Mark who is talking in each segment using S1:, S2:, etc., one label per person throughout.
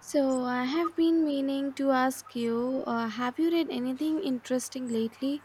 S1: So, I have been meaning to ask you, have you read anything interesting lately?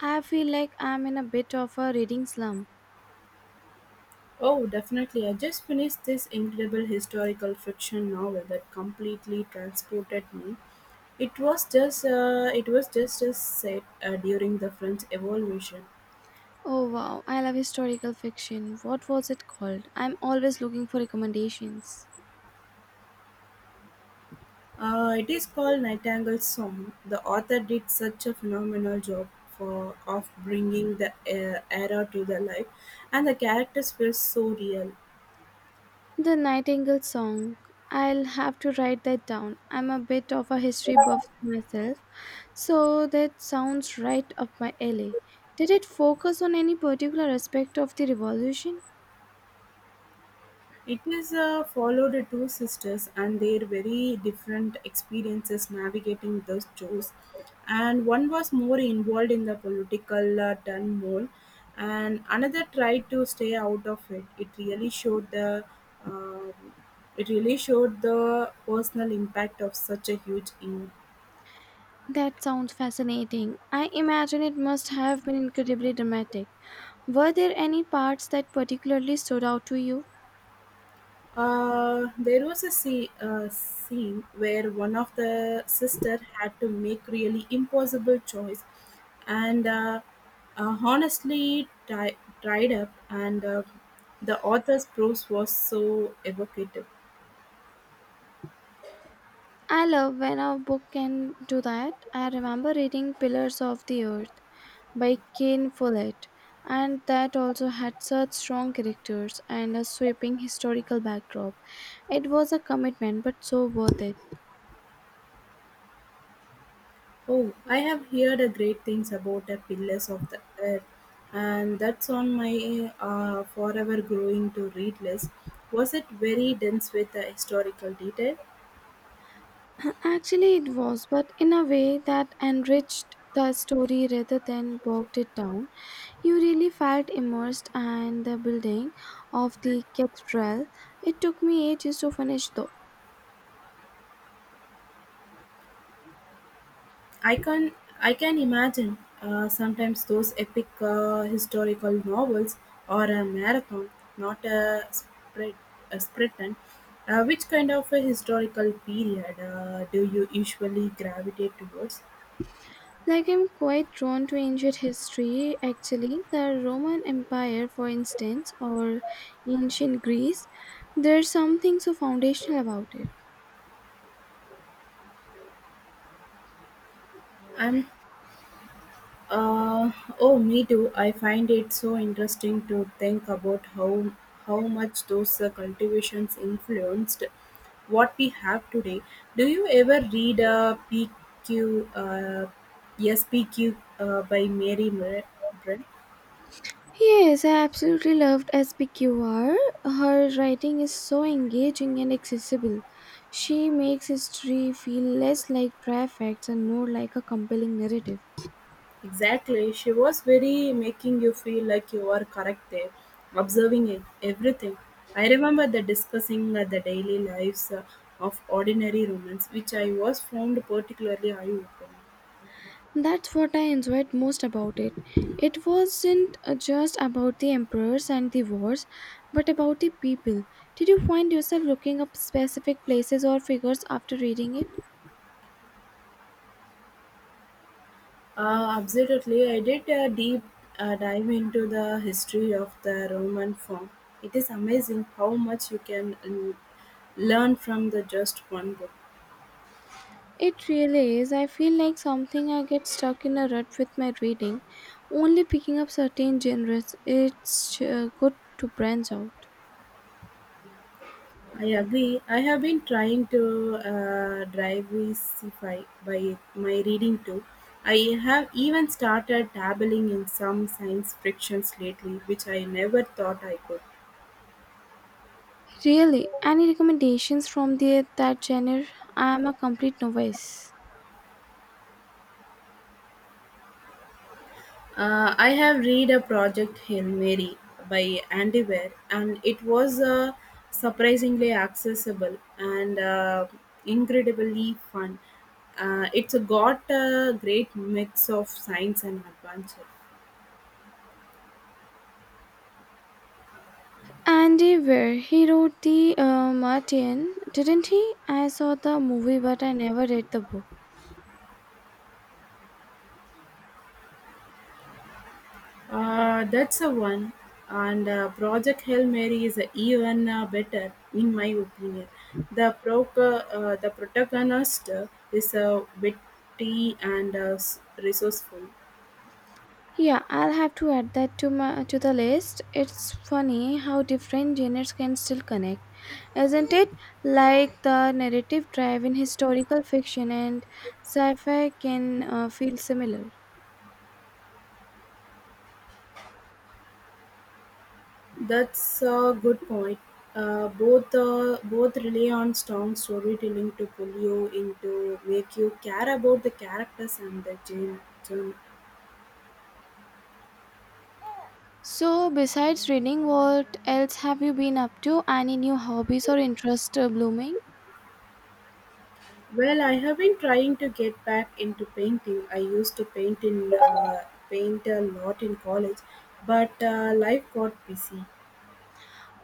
S1: I feel like I'm in a bit of a reading slump.
S2: Oh, definitely. I just finished this incredible historical fiction novel that completely transported me. It was just a set during the French Revolution.
S1: Oh wow, I love historical fiction. What was it called? I'm always looking for recommendations.
S2: It is called Nightingale's Song. The author did such a phenomenal job for of bringing the era to the life, and the characters feel so real.
S1: The Nightingale Song. I'll have to write that down. I'm a bit of a history buff myself, so that sounds right up my alley. Did it focus on any particular aspect of the revolution?
S2: It is followed the two sisters and their very different experiences navigating those chores. And one was more involved in the political turmoil, and another tried to stay out of it. Um, it really showed the personal impact of such a huge
S1: That sounds fascinating. I imagine it must have been incredibly dramatic. Were there any parts that particularly stood out to you?
S2: There was a scene where one of the sister had to make really impossible choice and honestly dried up and the author's prose was so evocative.
S1: I love when a book can do that. I remember reading Pillars of the Earth by Kane Follett, and that also had such strong characters and a sweeping historical backdrop. It was a commitment, but so worth it.
S2: Oh, I have heard a great things about the pillars of the earth and that's on my forever growing to read list. Was it very dense with historical detail?
S1: Actually, it was, but in a way that enriched the story rather than bogged it down. You really felt immersed in the building of the cathedral. It took me ages to finish, though.
S2: I can I can imagine. Sometimes those epic historical novels or a marathon, not a sprint. Which kind of a historical period do you usually gravitate towards?
S1: Like, I'm quite drawn to ancient history, actually, the Roman Empire, for instance, or ancient Greece. There's something so foundational about it.
S2: I'm Uh, oh, me too. I find it so interesting to think about how much those cultivations influenced what we have today. Do you ever read a P Q PQ, uh, yes, PQ by Mary Mirren?
S1: Yes, I absolutely loved SBQR. Her writing is so engaging and accessible. She makes history feel less like dry facts and more like a compelling narrative.
S2: Exactly, she was very making you feel like you were correct there, observing it everything. I remember the discussing the daily lives of ordinary Romans, which I was found particularly eye opening.
S1: That's what I enjoyed most about it. It wasn't just about the emperors and the wars, but about the people. Did you find yourself looking up specific places or figures after reading it?
S2: Absolutely, I did a deep dive into the history of the Roman form. It is amazing how much you can learn from the just one book.
S1: It really is. I feel like something I get stuck in a rut with my reading, only picking up certain genres. It's good to branch out.
S2: I agree. I have been trying to diversify by my reading too. I have even started dabbling in some science fictions lately, which I never thought I could.
S1: Really, any recommendations from the, that genre? I am a complete novice.
S2: I have read a project Hail Mary by Andy Weir, and it was surprisingly accessible and incredibly fun. It's got a great mix of science and adventure.
S1: Andy Weir, he wrote the Martian, didn't he? I saw the movie, but I never read the book.
S2: That's a one. And Project Hail Mary is a even better, in my opinion. The the protagonist is witty and resourceful.
S1: Yeah, I'll have to add that to my to the list. It's funny how different genres can still connect, isn't it? Like the narrative drive in historical fiction and sci-fi can feel similar.
S2: That's a good point. Both rely on strong storytelling to pull you into make you care about the characters and the genre.
S1: So, besides reading, what else have you been up to? Any new hobbies or interests blooming?
S2: Well, I have been trying to get back into painting. I used to paint a lot in college, but life got busy.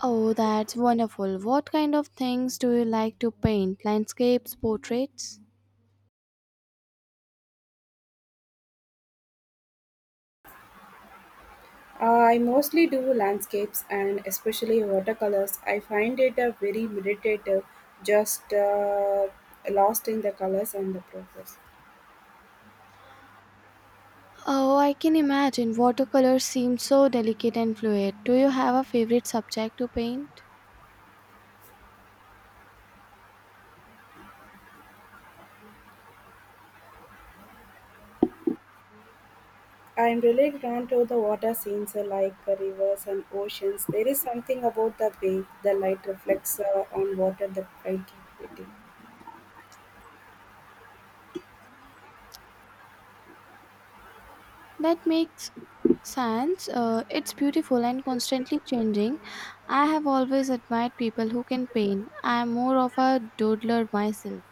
S1: Oh, that's wonderful. What kind of things do you like to paint? Landscapes, portraits?
S2: I mostly do landscapes and especially watercolors. I find it a very meditative, just lost in the colors and the process.
S1: Oh, I can imagine. Watercolors seem so delicate and fluid. Do you have a favorite subject to paint?
S2: I'm really drawn to the water scenes like rivers and oceans. There is something about the way the light reflects on water that I get pretty.
S1: That makes sense. It's beautiful and constantly changing. I have always admired people who can paint. I am more of a doodler myself.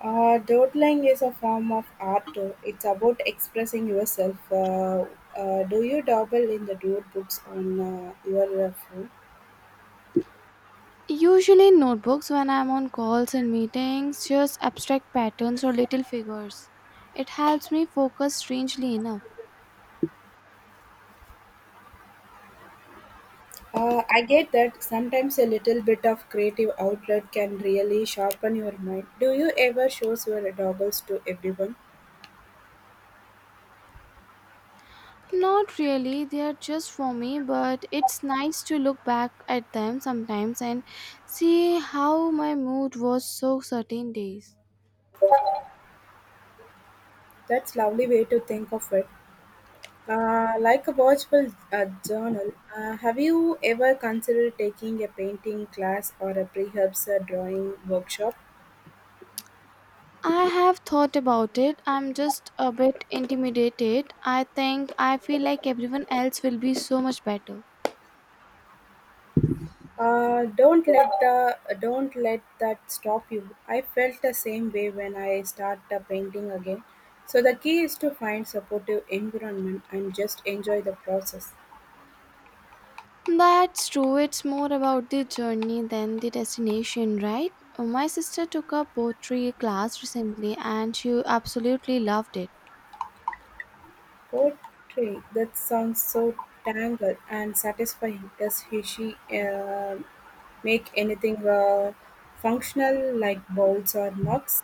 S2: Doodling is a form of art too. It's about expressing yourself. Do you dabble in the doodle books on your phone?
S1: Usually in notebooks when I'm on calls and meetings, just abstract patterns or little figures. It helps me focus strangely enough.
S2: I get that sometimes a little bit of creative outlet can really sharpen your mind. Do you ever show your doodles to everyone?
S1: Not really, they are just for me, but it's nice to look back at them sometimes and see how my mood was so certain days.
S2: That's lovely way to think of it. Like a watchful journal, have you ever considered taking a painting class or a perhaps a drawing workshop?
S1: I have thought about it. I'm just a bit intimidated. I think I feel like everyone else will be so much better.
S2: Don't let the don't let that stop you. I felt the same way when I start painting again. So the key is to find supportive environment and just enjoy the process.
S1: That's true. It's more about the journey than the destination, right? My sister took a poetry class recently and she absolutely loved it.
S2: Poetry that sounds so tangled and satisfying. Does he she make anything functional like bowls or mugs?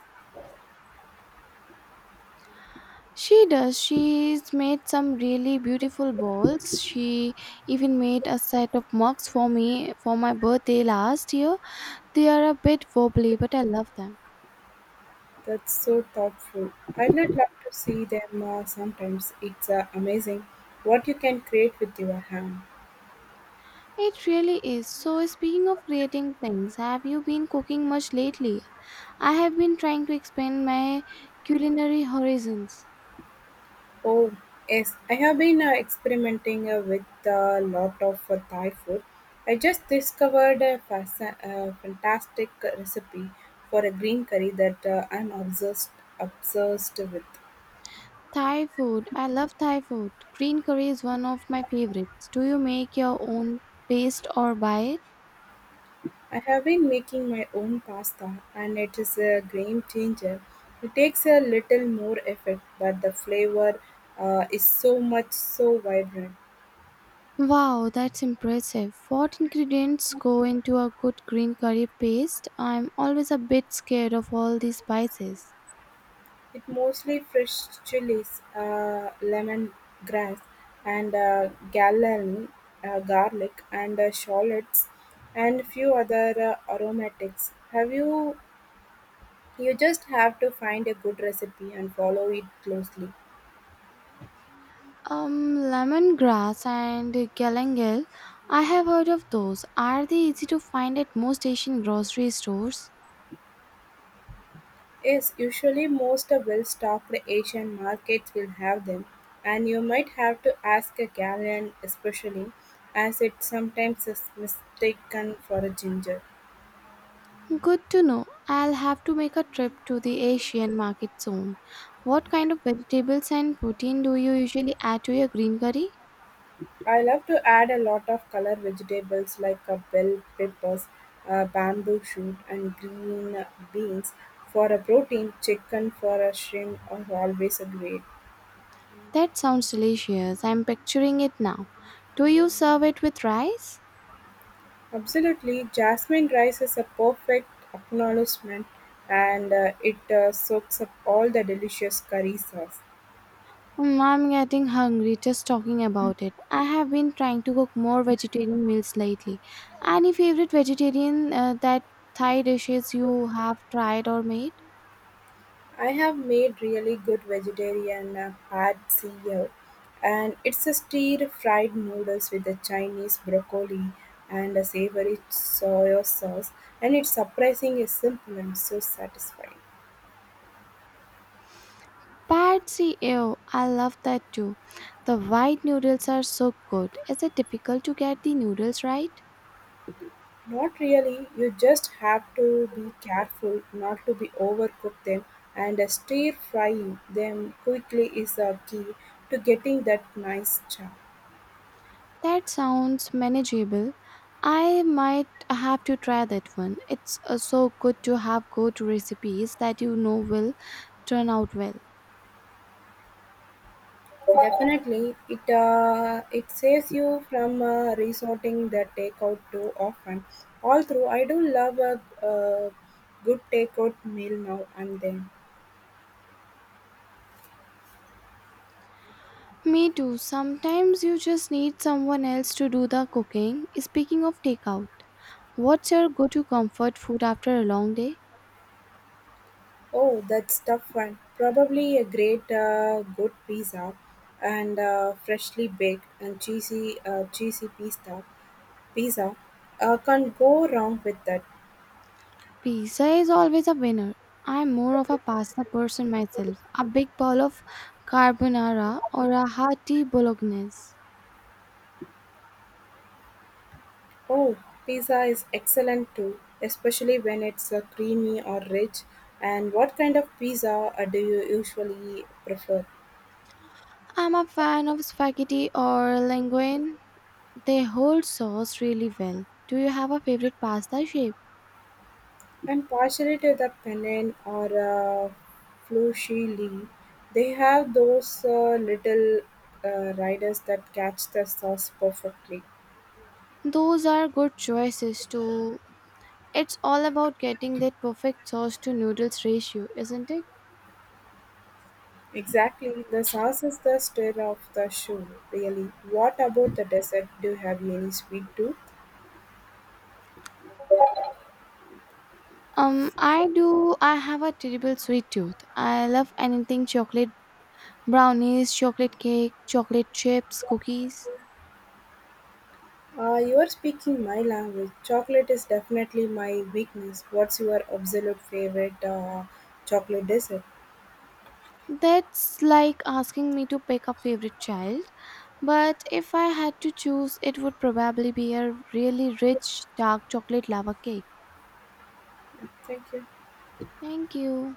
S1: She does. She's made some really beautiful bowls. She even made a set of mugs for me for my birthday last year. They are a bit wobbly, but I love them.
S2: That's so thoughtful. I'd not love to see them sometimes. It's amazing what you can create with your hand.
S1: It really is. So, speaking of creating things, have you been cooking much lately? I have been trying to expand my culinary horizons.
S2: Oh, yes, I have been experimenting with a lot of Thai food. I just discovered a fantastic recipe for a green curry that I'm obsessed obsessed with.
S1: Thai food. I love Thai food. Green curry is one of my favorites. Do you make your own paste or buy it?
S2: I have been making my own pasta, and it is a game changer. It takes a little more effort, but the flavor is so vibrant.
S1: Wow, that's impressive. What ingredients go into a good green curry paste? I'm always a bit scared of all these spices.
S2: It mostly fresh chilies, lemongrass, and galen, garlic, and shallots, and few other aromatics. Have you? You just have to find a good recipe and follow it closely.
S1: Lemongrass and galangal. I have heard of those. Are they easy to find at most Asian grocery stores?
S2: Yes, usually most well-stocked Asian markets will have them, and you might have to ask a gallon especially, as it sometimes is mistaken for a ginger.
S1: Good to know. I'll have to make a trip to the Asian market soon. What kind of vegetables and protein do you usually add to your green curry?
S2: I love to add a lot of color vegetables like a bell peppers, bamboo shoot, and green beans for a protein. Chicken for a shrimp are always a great.
S1: That sounds delicious. I'm picturing it now. Do you serve it with rice?
S2: Absolutely, jasmine rice is a perfect acknowledgement, and it soaks up all the delicious curry sauce.
S1: Mm, I'm getting hungry just talking about it. I have been trying to cook more vegetarian meals lately. Any favorite vegetarian that Thai dishes you have tried or made?
S2: I have made really good vegetarian pad see here, and it's a stir fried noodles with a Chinese broccoli and a savory soy sauce, and it's surprising is simple and so satisfying.
S1: Pad see ew. I love that too. The white noodles are so good. Is it difficult to get the noodles right?
S2: Not really, you just have to be careful not to be overcook them, and stir frying them quickly is a key to getting that nice charm.
S1: That sounds manageable. I might have to try that one. It's so good to have good recipes that you know will turn out well.
S2: Definitely, it saves you from resorting the takeout too often. Although I do love a, uh good takeout meal now and then.
S1: Me too. Sometimes you just need someone else to do the cooking. Speaking of takeout, what's your go to comfort food after a long day?
S2: Oh, that's tough one. Probably a great good pizza and freshly baked and cheesy pizza. Pizza can't go wrong with that.
S1: Pizza is always a winner. I'm more of a pasta person myself. A big bowl of carbonara or a hearty bolognese.
S2: Oh, pizza is excellent too, especially when it's creamy or rich. And what kind of pizza do you usually prefer?
S1: I'm a fan of spaghetti or linguine. They hold sauce really well. Do you have a favorite pasta shape?
S2: And partially to the penne or fusilli, they have those little riders that catch the sauce perfectly.
S1: Those are good choices too. It's all about getting that perfect sauce to noodles ratio, isn't it?
S2: Exactly, the sauce is the stir of the show, really. What about the dessert? Do you have any sweet too?
S1: I do. I have a terrible sweet tooth. I love anything chocolate brownies, chocolate cake, chocolate chips, cookies.
S2: You're speaking my language. Chocolate is definitely my weakness. What's your absolute favorite chocolate dessert?
S1: That's like asking me to pick a favorite child, but if I had to choose, it would probably be a really rich dark chocolate lava cake.
S2: Yeah, thank you.
S1: Thank you.